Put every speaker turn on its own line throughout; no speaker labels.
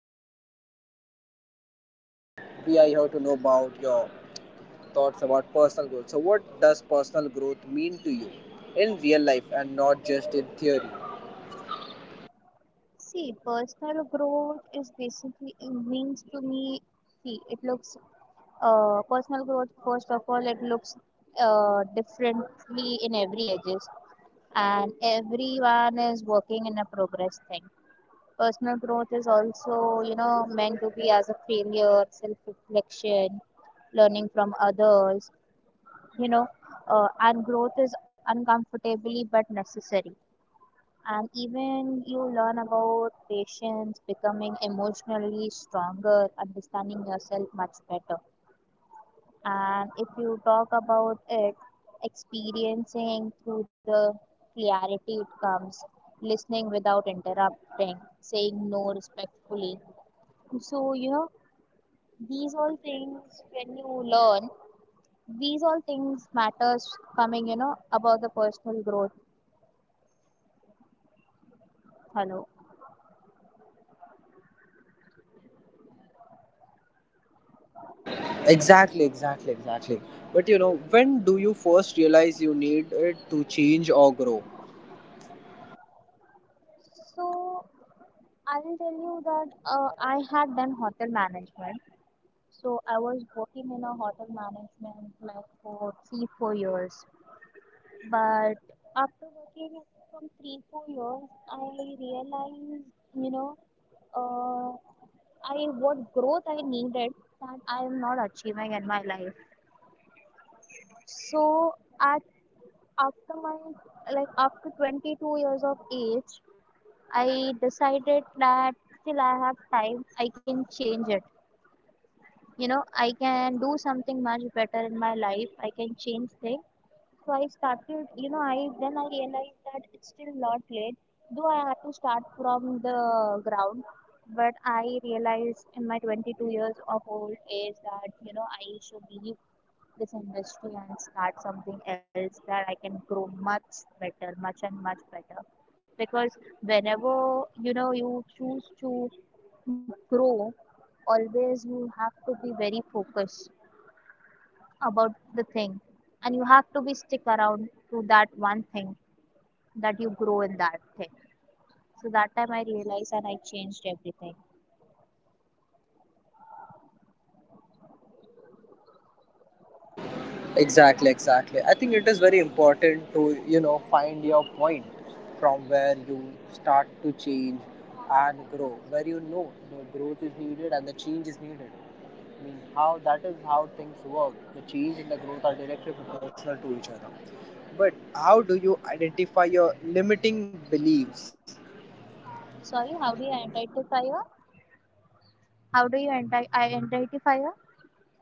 everything's been really good. You know, we are here to know about your thoughts about personal growth. So, what does personal growth mean to you in real life and not just in theory?
See, personal growth is basically it means to me. See, it looks personal growth. First of all, it looks differently in every ages, and everyone is working in a progress thing. Personal growth is also meant to be as a failure, self-reflection, learning from others. You know, and growth is uncomfortably but necessary, and even you learn about patience, becoming emotionally stronger, understanding yourself much better. And if you talk about it, experiencing through the clarity it comes, listening without interrupting, saying no respectfully. So, these all things, when you learn, these all things matters coming about the personal growth. Hello.
Exactly, exactly, exactly. But you know, when do you first realize you need it to change or grow?
So I will tell you that I had done hotel management. So I was working in a hotel management like for 3, 4 years. But after working from 3, 4 years, I realized, you know, uh, I what growth I needed that I am not achieving in my life. So at after my like after 22 years of age, I decided that still I have time. I can change it. I can do something much better in my life. I can change things. So I started. You know I Then I realized that it's still not late, though I had to start from the ground. But I realized in my 22 years of old age that I should leave this industry and start something else that I can grow much better, much better. Because whenever you choose to grow, always you have to be very focused about the thing, and you have to be stick around to that one thing that you grow in that thing. So that time I realized and I changed everything.
Exactly, exactly. I think it is very important to, you know, find your point from where you start to change and grow, where you know the growth is needed and the change is needed. I mean, how that is how things work. The change and the growth are directly proportional to each other. But how do you identify your limiting beliefs?
Sorry, how do you identify a? How do you anti- identify a?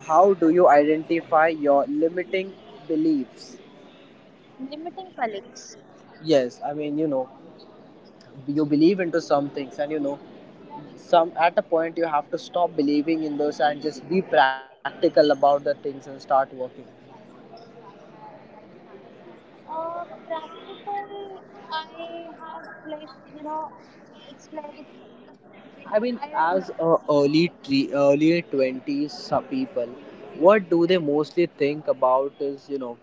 How do you identify your limiting beliefs?
Limiting colleagues.
Yes, I mean, you know, you believe into some things and, you know, some at a point you have to stop believing in those and just be practical about the things and start working.
Practical, I have like, it's like,
I mean,
I
as
don't know,
early 20s, some people, what do they mostly think about is, you know,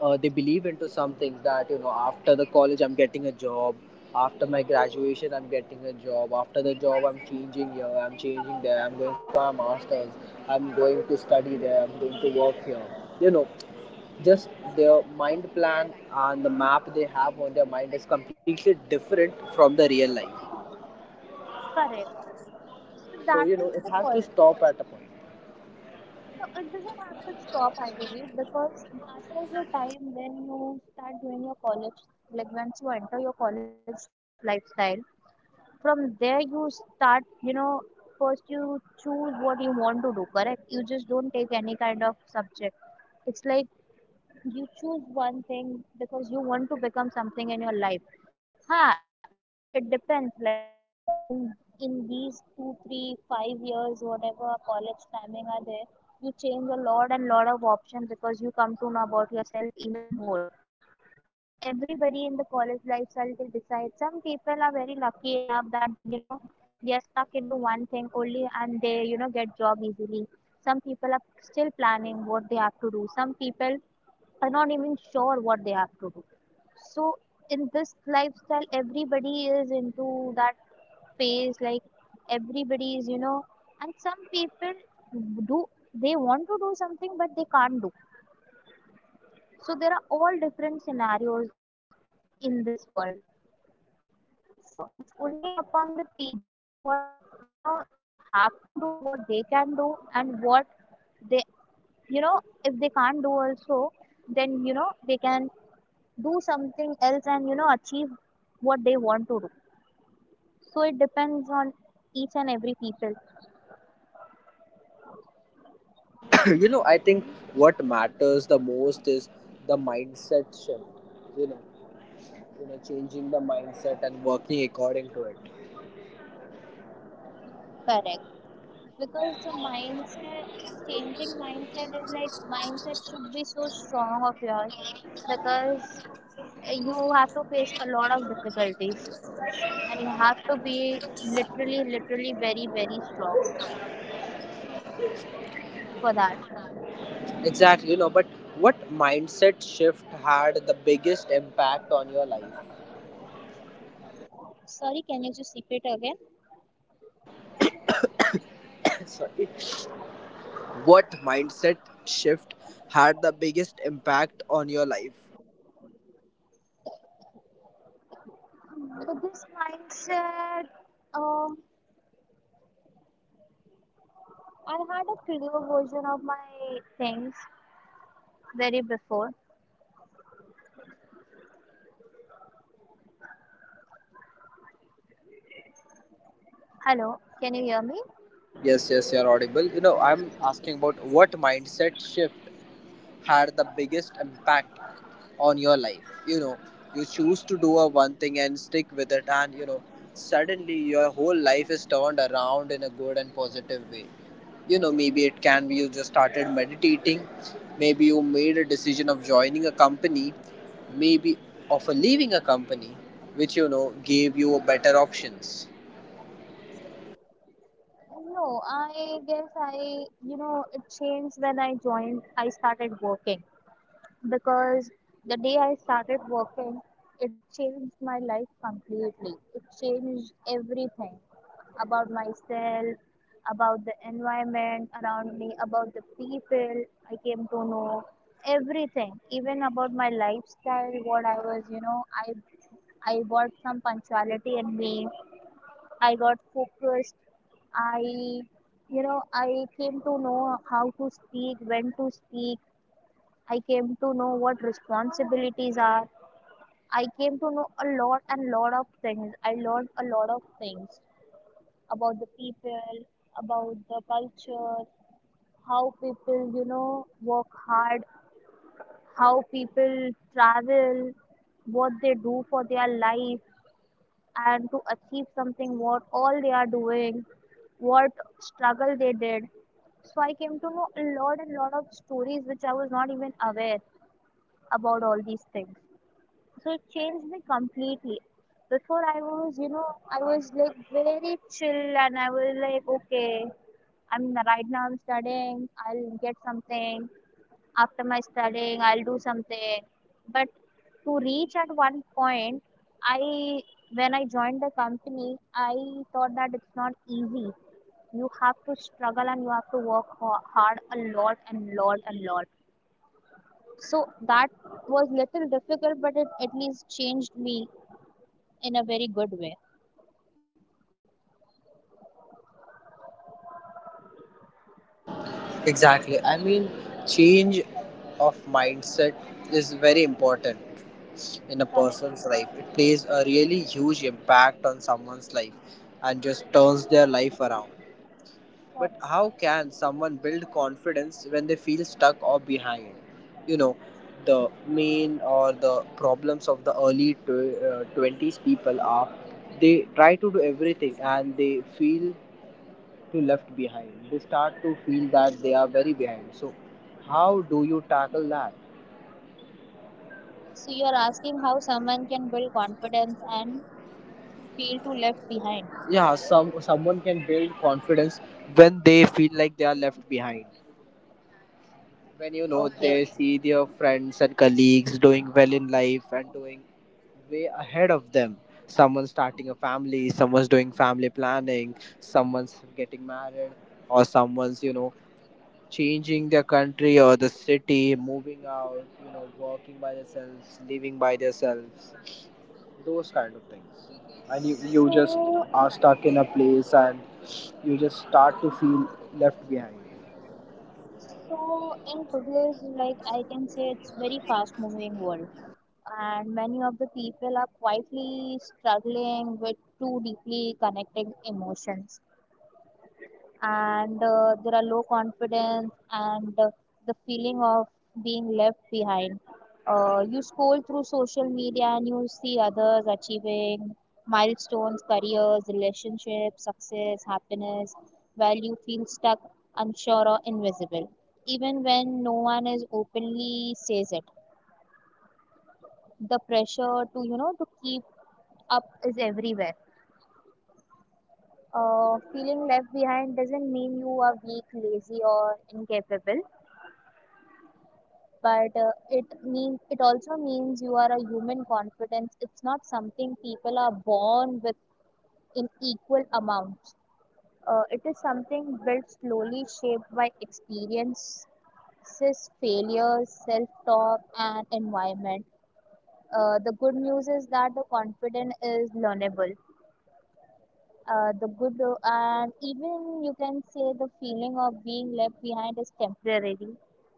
they believe into some things that, you know, after the college, I'm getting a job, after my graduation, I'm getting a job, after the job, I'm changing here, I'm changing there, I'm going for a masters, I'm going to study there, I'm going to work here. You know, just their mind plan and the map they have on their mind is completely different from the real life.
correct. So
So
that
you know
is
it
the
has
call.
to stop at a point.
No, it doesn't have to stop, I believe, because that is your time when you start doing your college, like once you enter your college lifestyle. From there, you start, first you choose what you want to do, correct? You just don't take any kind of subject. It's like you choose one thing because you want to become something in your life. Huh, it depends like in these 2, 3, 5 years, whatever college timing are there, you change a lot and lot of options, because you come to know about yourself even more. And everybody in the college lifestyle, they decide. Some people are very lucky enough that they're stuck into one thing only, and they get job easily. Some people are still planning what they have to do. Some people are not even sure what they have to do. So in this lifestyle, everybody is into that phase. Like everybody is, and some people do, they want to do something but they can't do. So there are all different scenarios in this world. So it's only upon the people what they have to do, what they can do, and what they, you know if they can't do also, then they can do something else and achieve what they want to do. So it depends on each and every people.
You know, I think what matters the most is the mindset shift, you know. You know, changing the mindset and working according to it.
Correct. Because the mindset, changing mindset is like mindset should be so strong of yours, because you have to face a lot of difficulties, and you have to be literally, literally very, very strong for that.
Exactly, you know, but what mindset shift had the biggest impact on your life?
Sorry, can you just repeat again?
Sorry, what mindset shift had the biggest impact on your life?
So this mindset, um, I had a clear version of my things very before. Hello, can you hear me?
Yes, yes, you're audible. You know, I'm asking about what mindset shift had the biggest impact on your life. You know, you choose to do a one thing and stick with it, and you know, suddenly your whole life is turned around in a good and positive way. You know, maybe it can be you just started meditating, maybe you made a decision of joining a company, maybe of a leaving a company, which you know gave you better options.
No, I guess I, it changed when I joined, I started working. Because the day I started working, it changed my life completely. It changed everything about myself, about the environment around me, about the people I came to know, everything, even about my lifestyle, what I was, I got some punctuality in me. I got focused. I, I came to know how to speak, when to speak. I came to know what responsibilities are. I came to know a lot and lot of things. I learned a lot of things about the people, about the culture, how people, work hard, how people travel, what they do for their life and to achieve something, what all they are doing, what struggle they did. So I came to know a lot and lot of stories which I was not even aware about all these things. So it changed me completely. Before I was, I was like very chill, and I was like, okay, I'm right now I'm studying, I'll get something. After my studying, I'll do something. But to reach at one point, I, when I joined the company, I thought that it's not easy. You have to struggle and you have to work hard a lot and lot and lot. So that was little difficult, but it at least changed me in a very good way.
Exactly. I mean, change of mindset is very important in a
Correct,
person's life. It plays a really huge impact on someone's life and just turns their life around. But
correct.
how can someone build confidence when they feel stuck or behind? You know, the main or the problems of the 20s people are they try to do everything and they feel to left behind. They start to feel that they are very behind. So, how do you tackle that?
So you're asking how someone can build confidence and feel too left behind.
Yeah, someone can build confidence when they feel like they are left behind. When you know
Okay.
they see their friends and colleagues doing well in life and doing way ahead of them. Someone's starting a family, someone's doing family planning, someone's getting married, or someone's you know changing their country or the city, moving out, you know, working by themselves, living by themselves, those kind of things. And you just
So
are stuck in a place and you just start to feel left behind.
so in today's, like, I can say it's very fast moving world, and many of the people are quietly struggling with too deeply connected emotions, and there are low confidence and the feeling of being left behind. You scroll through social media and you see others achieving milestones, careers, relationships, success, happiness, while you feel stuck, unsure, or invisible. Even when no one is openly says it, the pressure to, to keep up is everywhere. Feeling left behind doesn't mean you are weak, lazy, or incapable, but it also means you are a human. Confidence, it's not something people are born with in equal amounts. It is something built slowly, shaped by experiences, failures, self-talk, and environment. The good news is that the confidence is learnable. Uh, the good uh, and even you can say the feeling of being left behind is temporary,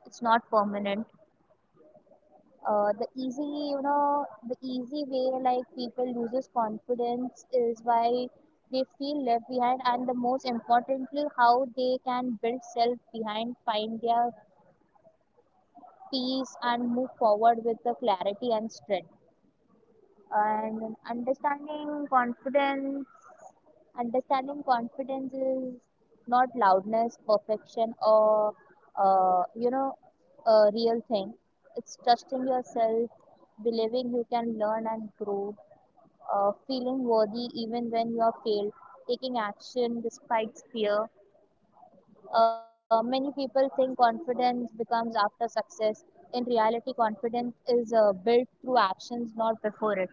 it's not permanent. The easy way, like, people loses confidence is by they feel left behind, and the most importantly how they can build self behind, find their peace and move forward with the clarity and strength. And understanding confidence, understanding confidence is not loudness, perfection, or, uh, you know a real thing. It's trusting yourself, believing you can learn and grow, feeling worthy even when you are failed, taking action despite fear. Many people think confidence becomes after success. In reality, confidence is built through actions, not before it.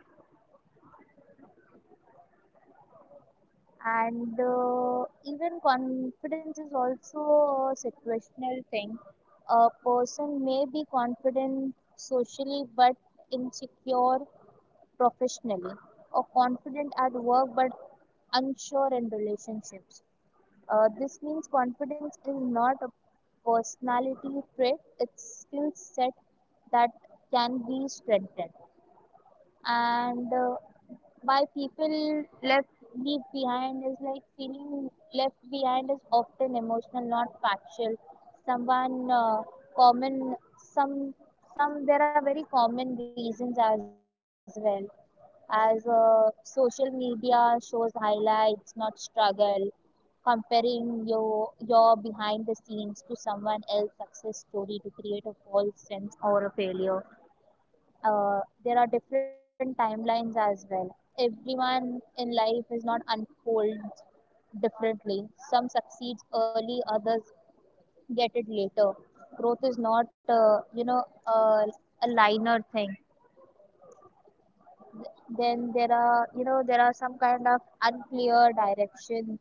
And even confidence is also a situational thing. A person may be confident socially but insecure professionally, or confident at work but unsure in relationships. This means confidence is not a personality trait, it's skill set that can be strengthened. And why people left leave behind is, like, feeling left behind is often emotional, not factual. Someone, common some there are very common reasons as well, as social media shows highlights, not struggle, comparing your behind the scenes to someone else's success story to create a false sense or a failure. There are different timelines as well. Everyone in life is not unfolds differently. Some succeeds early, others get it later. Growth is not, a linear thing. Then there are, there are some kind of unclear direction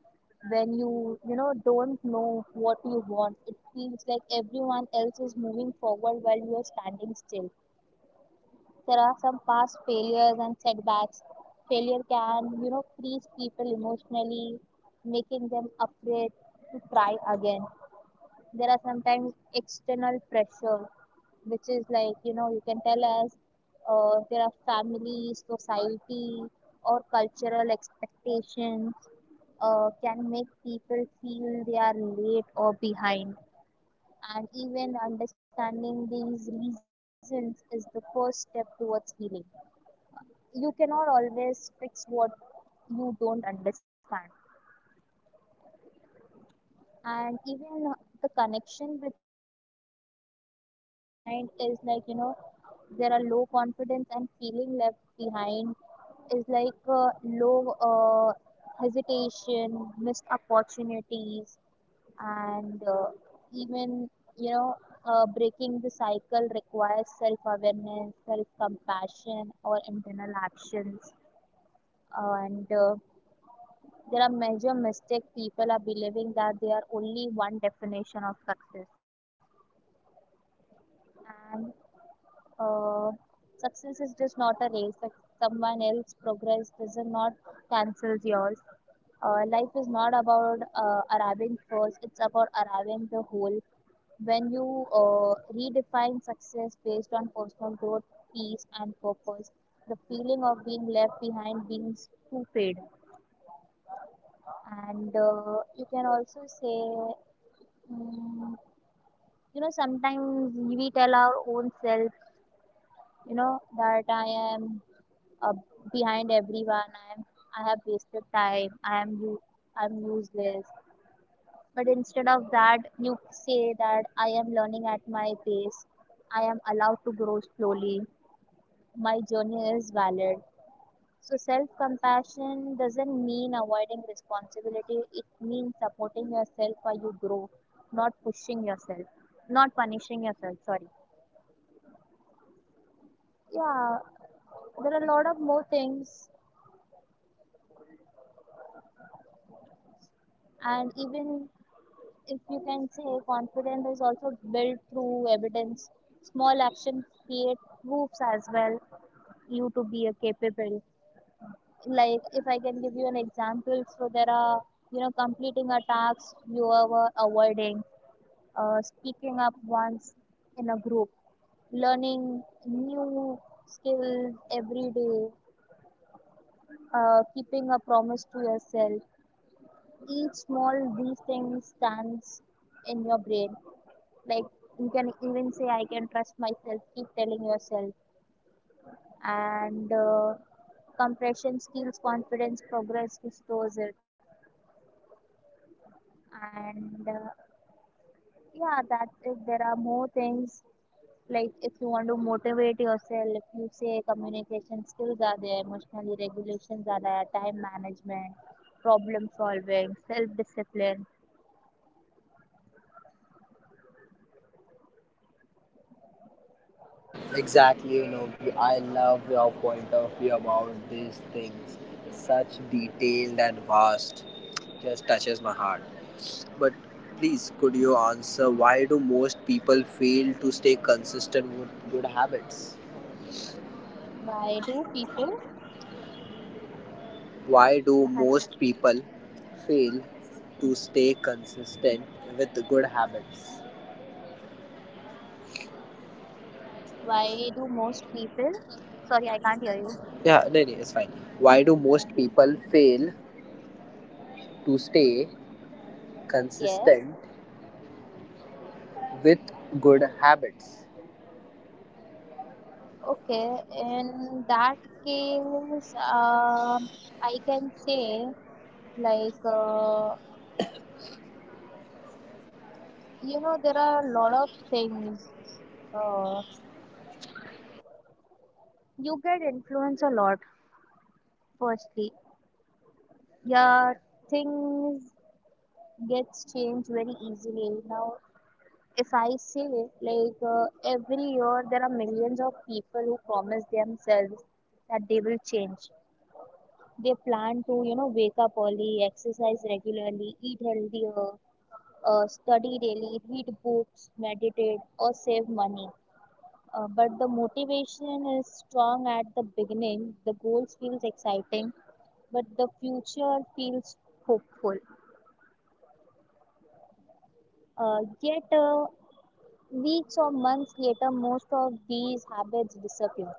when you, don't know what you want. It feels like everyone else is moving forward while you are standing still. There are some past failures and setbacks. Failure can, freeze people emotionally, making them afraid to try again. There are sometimes external pressure, which is like, you can tell us. There are family, society, or cultural expectations can make people feel they are late or behind. And even understanding these reasons is the first step towards healing. You cannot always fix what you don't understand. And even the connection between confidence and feeling left behind is like, there are low confidence and feeling left behind is like low, hesitation, missed opportunities, and even, you know, breaking the cycle requires self awareness, self compassion, or internal actions. And there are major mistake people are believing that there are only one definition of success, and uh, success is just not a race. Like someone else progress does not cancels yours. Life is not about arriving first; it's about arriving the whole. When you redefine success based on personal growth, peace, and purpose, the feeling of being left behind being to fade, and you can also say mm sometimes we tell our own self, that I am, uh, behind everyone. I am, I have wasted time, I am you, I'm useless. But instead of that, you say that I am learning at my pace, I am allowed to grow slowly, my journey is valid. So self compassion doesn't mean avoiding responsibility, it means supporting yourself while you grow, not pushing yourself, not punishing yourself. Sorry. Yeah. There are a lot of more things, and even if you can say confidence is also built through evidence, small actions create proofs as well, you to be a capable. Like, if I can give you an example, so there are, completing a task you were avoiding, speaking up once in a group, learning new skills every day, keeping a promise to yourself. Each small these things stands in your brain. Like, you can even say, I can trust myself. Keep telling yourself, and compression steals confidence. Progress restores it, and yeah, that's it. There are more things, like if you want to motivate yourself, if you say communication skills are there, emotionally regulations are there, time management, problem solving, self discipline.
Exactly, you know, I love your point of view about these things. Such detailed and vast, just touches my heart. But please, could you answer why do most people fail to stay consistent with good habits?
Why do people?
Why do
Hello.
most people fail to stay consistent with good habits?
Why do most people? Sorry, I can't hear you.
Yeah, no, no, it's fine. Why do most people fail to stay
Yes.
consistent with good habits?
Okay. In that case, I can say, like uh, there are a lot of things. Uh, You get influence a lot. Firstly, yeah, things gets changed very easily. Now, if I say like uh, every year there are millions of people who promise themselves that they will change. They plan to, you know, wake up early, exercise regularly, eat healthier, study daily, read books, meditate, or save money. But the motivation is strong at the beginning. The goals feels exciting, but the future feels hopeful. Uh, yet, uh, Weeks or months later, most of these habits disappear.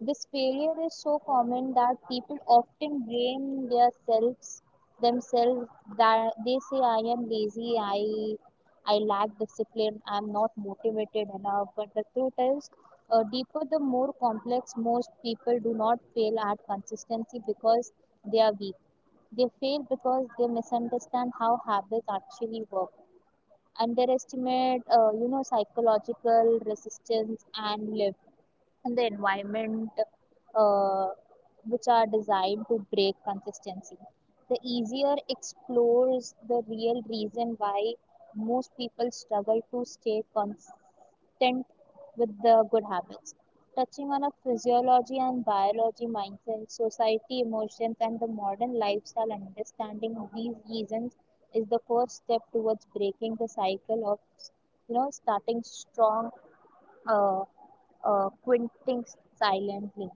This failure is so common that people often blame their selves themselves, that they say I am lazy, I lack discipline, I am not motivated enough. But the truth is, deeper the more complex, most people do not fail at consistency because they are weak. They fail because they misunderstand how habits actually work, underestimate psychological resistance and live, and the environment, uh, which are designed to break consistency. The easier explores the real reason why most people struggle to stay consistent with the good habits. Touching on a physiology and biology mindset, society, emotions, and the modern lifestyle, understanding these reasons is the first step towards breaking the cycle of, starting strong, uh, quitting silently.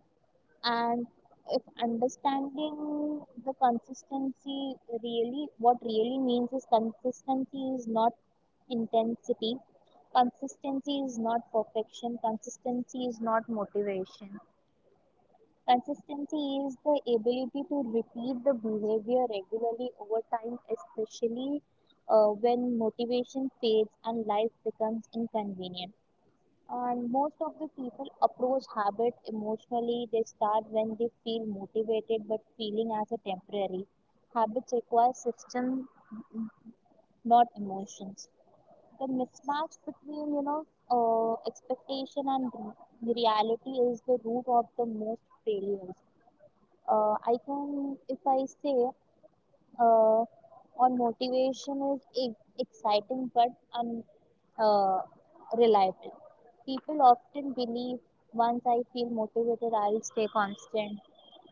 And if understanding the consistency really, what really means is consistency is not intensity, consistency is not perfection, consistency is not motivation. Consistency is the ability to repeat the behavior regularly over time, especially when motivation fades and life becomes inconvenient, and most of the people approach habit emotionally. They start when they feel motivated, but feeling as a temporary. Habits require system, not emotions. The mismatch between expectation and reality is the root of the most failures. I can, if I say, uh, on motivation is exciting but unreliable. People often believe once I feel motivated, I'll stay constant.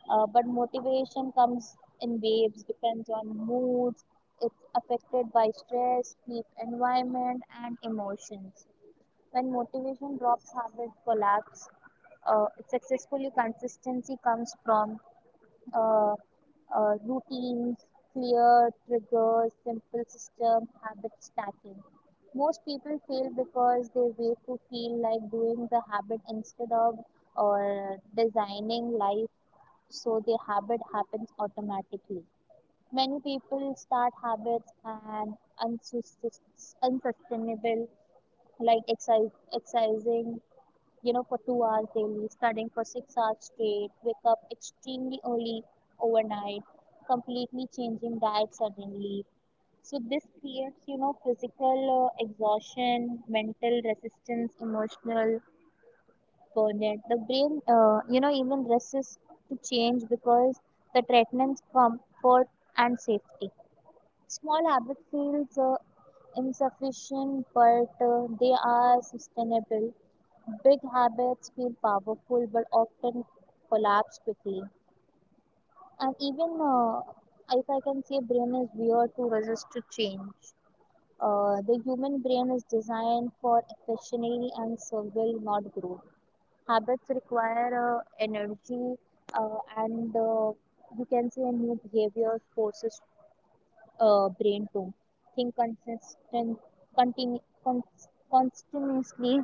But motivation comes in waves, depends on moods, it's affected by stress, sleep, environment, and emotions. When motivation drops, habit collapse. Successfully, consistency comes from uh, routines, clear triggers, simple system, habit stacking. Most people fail because they wait to feel like doing the habit, instead of or designing life so the habit happens automatically. Many people start habits and unsus- unsustainable, like exercise, exercising, you know, for 2 hours daily, studying for 6 hours straight, wake up extremely early overnight, completely changing diet suddenly. So this creates, you know, physical exhaustion, mental resistance, emotional burnout. The brain, even resists to change because the threatens comfort and safety. Small habits feel insufficient, but they are sustainable. Big habits feel powerful, but often collapse quickly. And even if I can say, brain is weird to resist to change. The human brain is designed for efficiency and survival, not growth. Habits require energy, and you can say new behaviors forces brain to think consistent, continuously,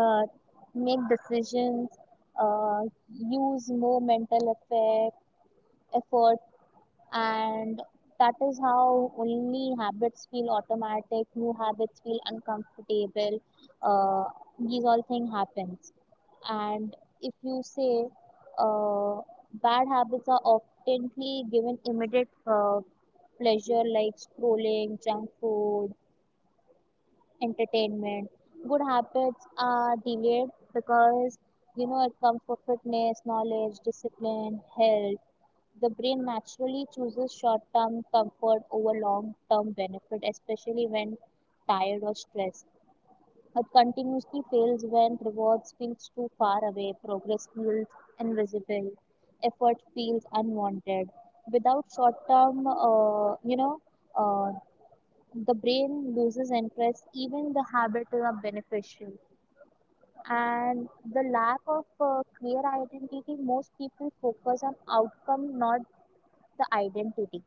uh, make decisions, uh, use more mental effort, and that is how only habits feel automatic, new habits feel uncomfortable. uh, these all thing happens, and if you say, uh, bad habits are oftenly given immediate pleasure like scrolling, junk food, entertainment. Good habits are delayed because, you know, it comes for fitness, knowledge, discipline, health. The brain naturally chooses short term comfort over long term benefit, especially when tired or stressed. It continuously fails when rewards feels too far away, progress feels invisible, effort feels unwanted. Without short term, uh, the brain loses interest, even the habits are beneficial. And the lack of clear identity, most people focus on outcome, not the identity.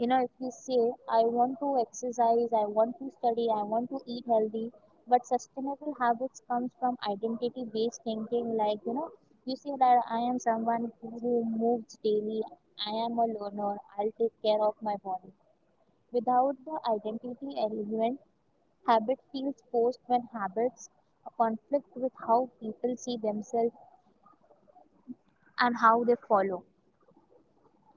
You know, if you say, I want to exercise, I want to study, I want to eat healthy, but sustainable habits comes from identity based thinking. Like, you know, you say that I am someone who moves daily, I am a learner, I'll take care of my body. Without the identity element, habit feels forced when habits conflict with how people see themselves and how they follow.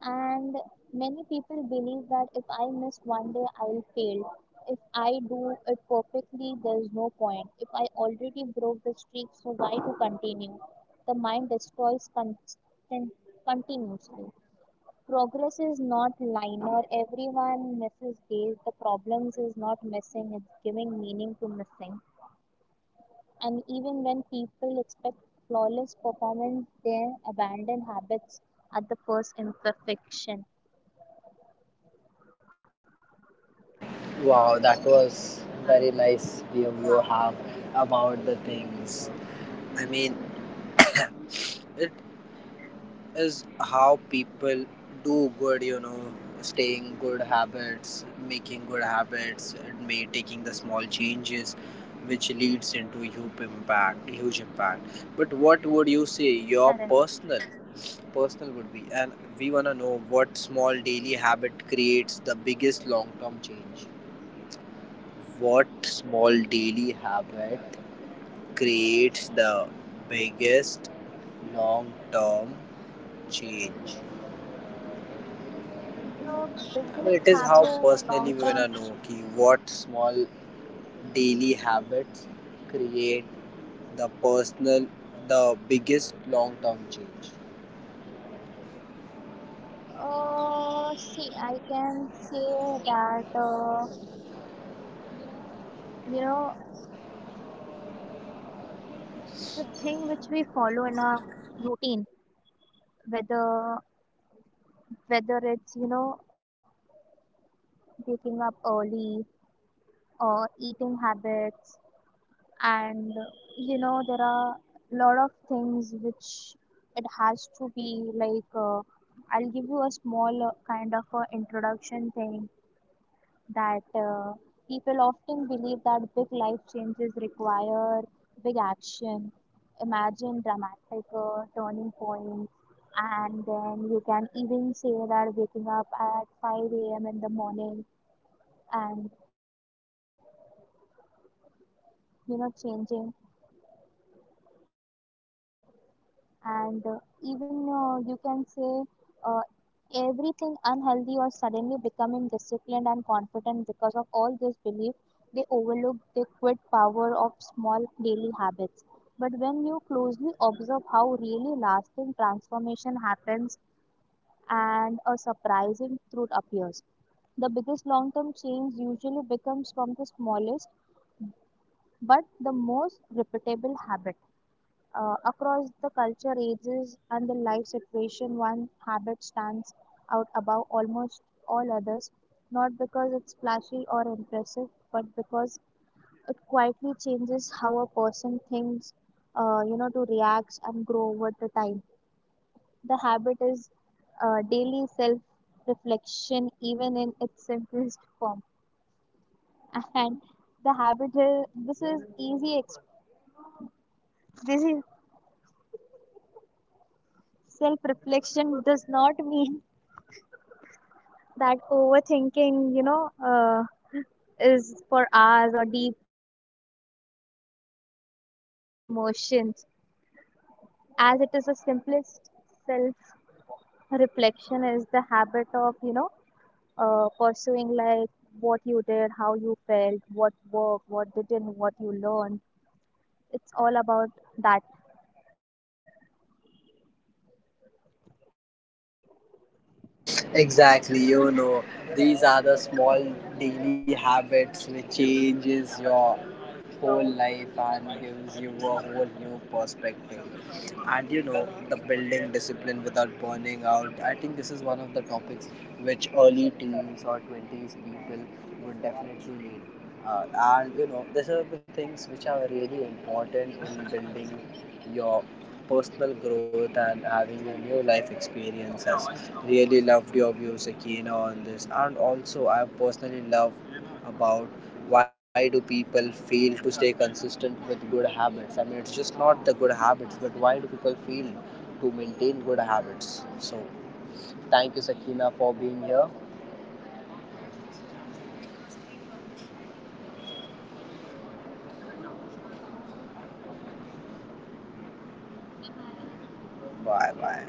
And many people believe that if I miss one day, I'll fail. If I do it perfectly, there's no point. If I already broke the streak, so why to continue? The mind destroys constant, continuously. Progress is not linear. Everyone misses days. The problems is not missing. It's giving meaning to missing. And even when people expect flawless performance, they abandon habits at the first imperfection.
Wow, that was very nice view you have about the things. I mean, it is how people do good, you know, staying good habits, making good habits, and may taking the small changes which leads into huge impact, huge impact. But what would you
Correct.
say your personal would be? And we want to know what small daily habit creates the biggest long term change. What small daily habit creates the biggest long term change?
The
I mean,
biggest
it is how
habit
personally
long
we wanna
term,
know ki what small daily habits create the personal, the biggest long term change.
see, I can say that, you know, the thing which we follow in our routine, whether whether it's, you know, waking up early or eating habits, and, you know, there are lot of things which it has to be like, I'll give you a small kind of a introduction thing, that people often believe that big life changes require big action. Imagine dramatic turning points, and then you can even say that waking up at 5 a.m. in the morning and, you know, changing things, and even you can say uh, everything unhealthy or suddenly becoming disciplined and confident. Because of all this belief, they overlook the quit power of small daily habits. But when you closely observe how really lasting transformation happens, and a surprising truth appears, the biggest long term change usually becomes from the smallest but the most repeatable habit. Across the culture, ages, and the life situation, one habit stands out above almost all others, not because it's flashy or impressive, but because it quietly changes how a person thinks, you know, to reacts and grow over the time. The habit is daily self reflection, even in its simplest form. And the habit, is, this is easy, this is, self reflection does not mean that overthinking, is for hours or deeply analyzing every emotion, as it is the simplest self reflection, is the habit of, pursuing like what you did, how you felt, what worked, what didn't, what you learned. It's all about that.
Exactly, you know, these are the small daily habits which changes your whole life and gives you a whole new perspective. And you know, the building discipline without burning out. I think this is one of the topics which early teens or 20s people would definitely need. And you know, these are the things which are really important in building your personal growth and having a new life experiences. Really loved your views, Akina, on this. And also, I personally love about why do people fail to stay consistent with good habits? I mean, it's just not the good habits, but why do people fail to maintain good habits? So, thank you, Sakina, for being here. Bye bye.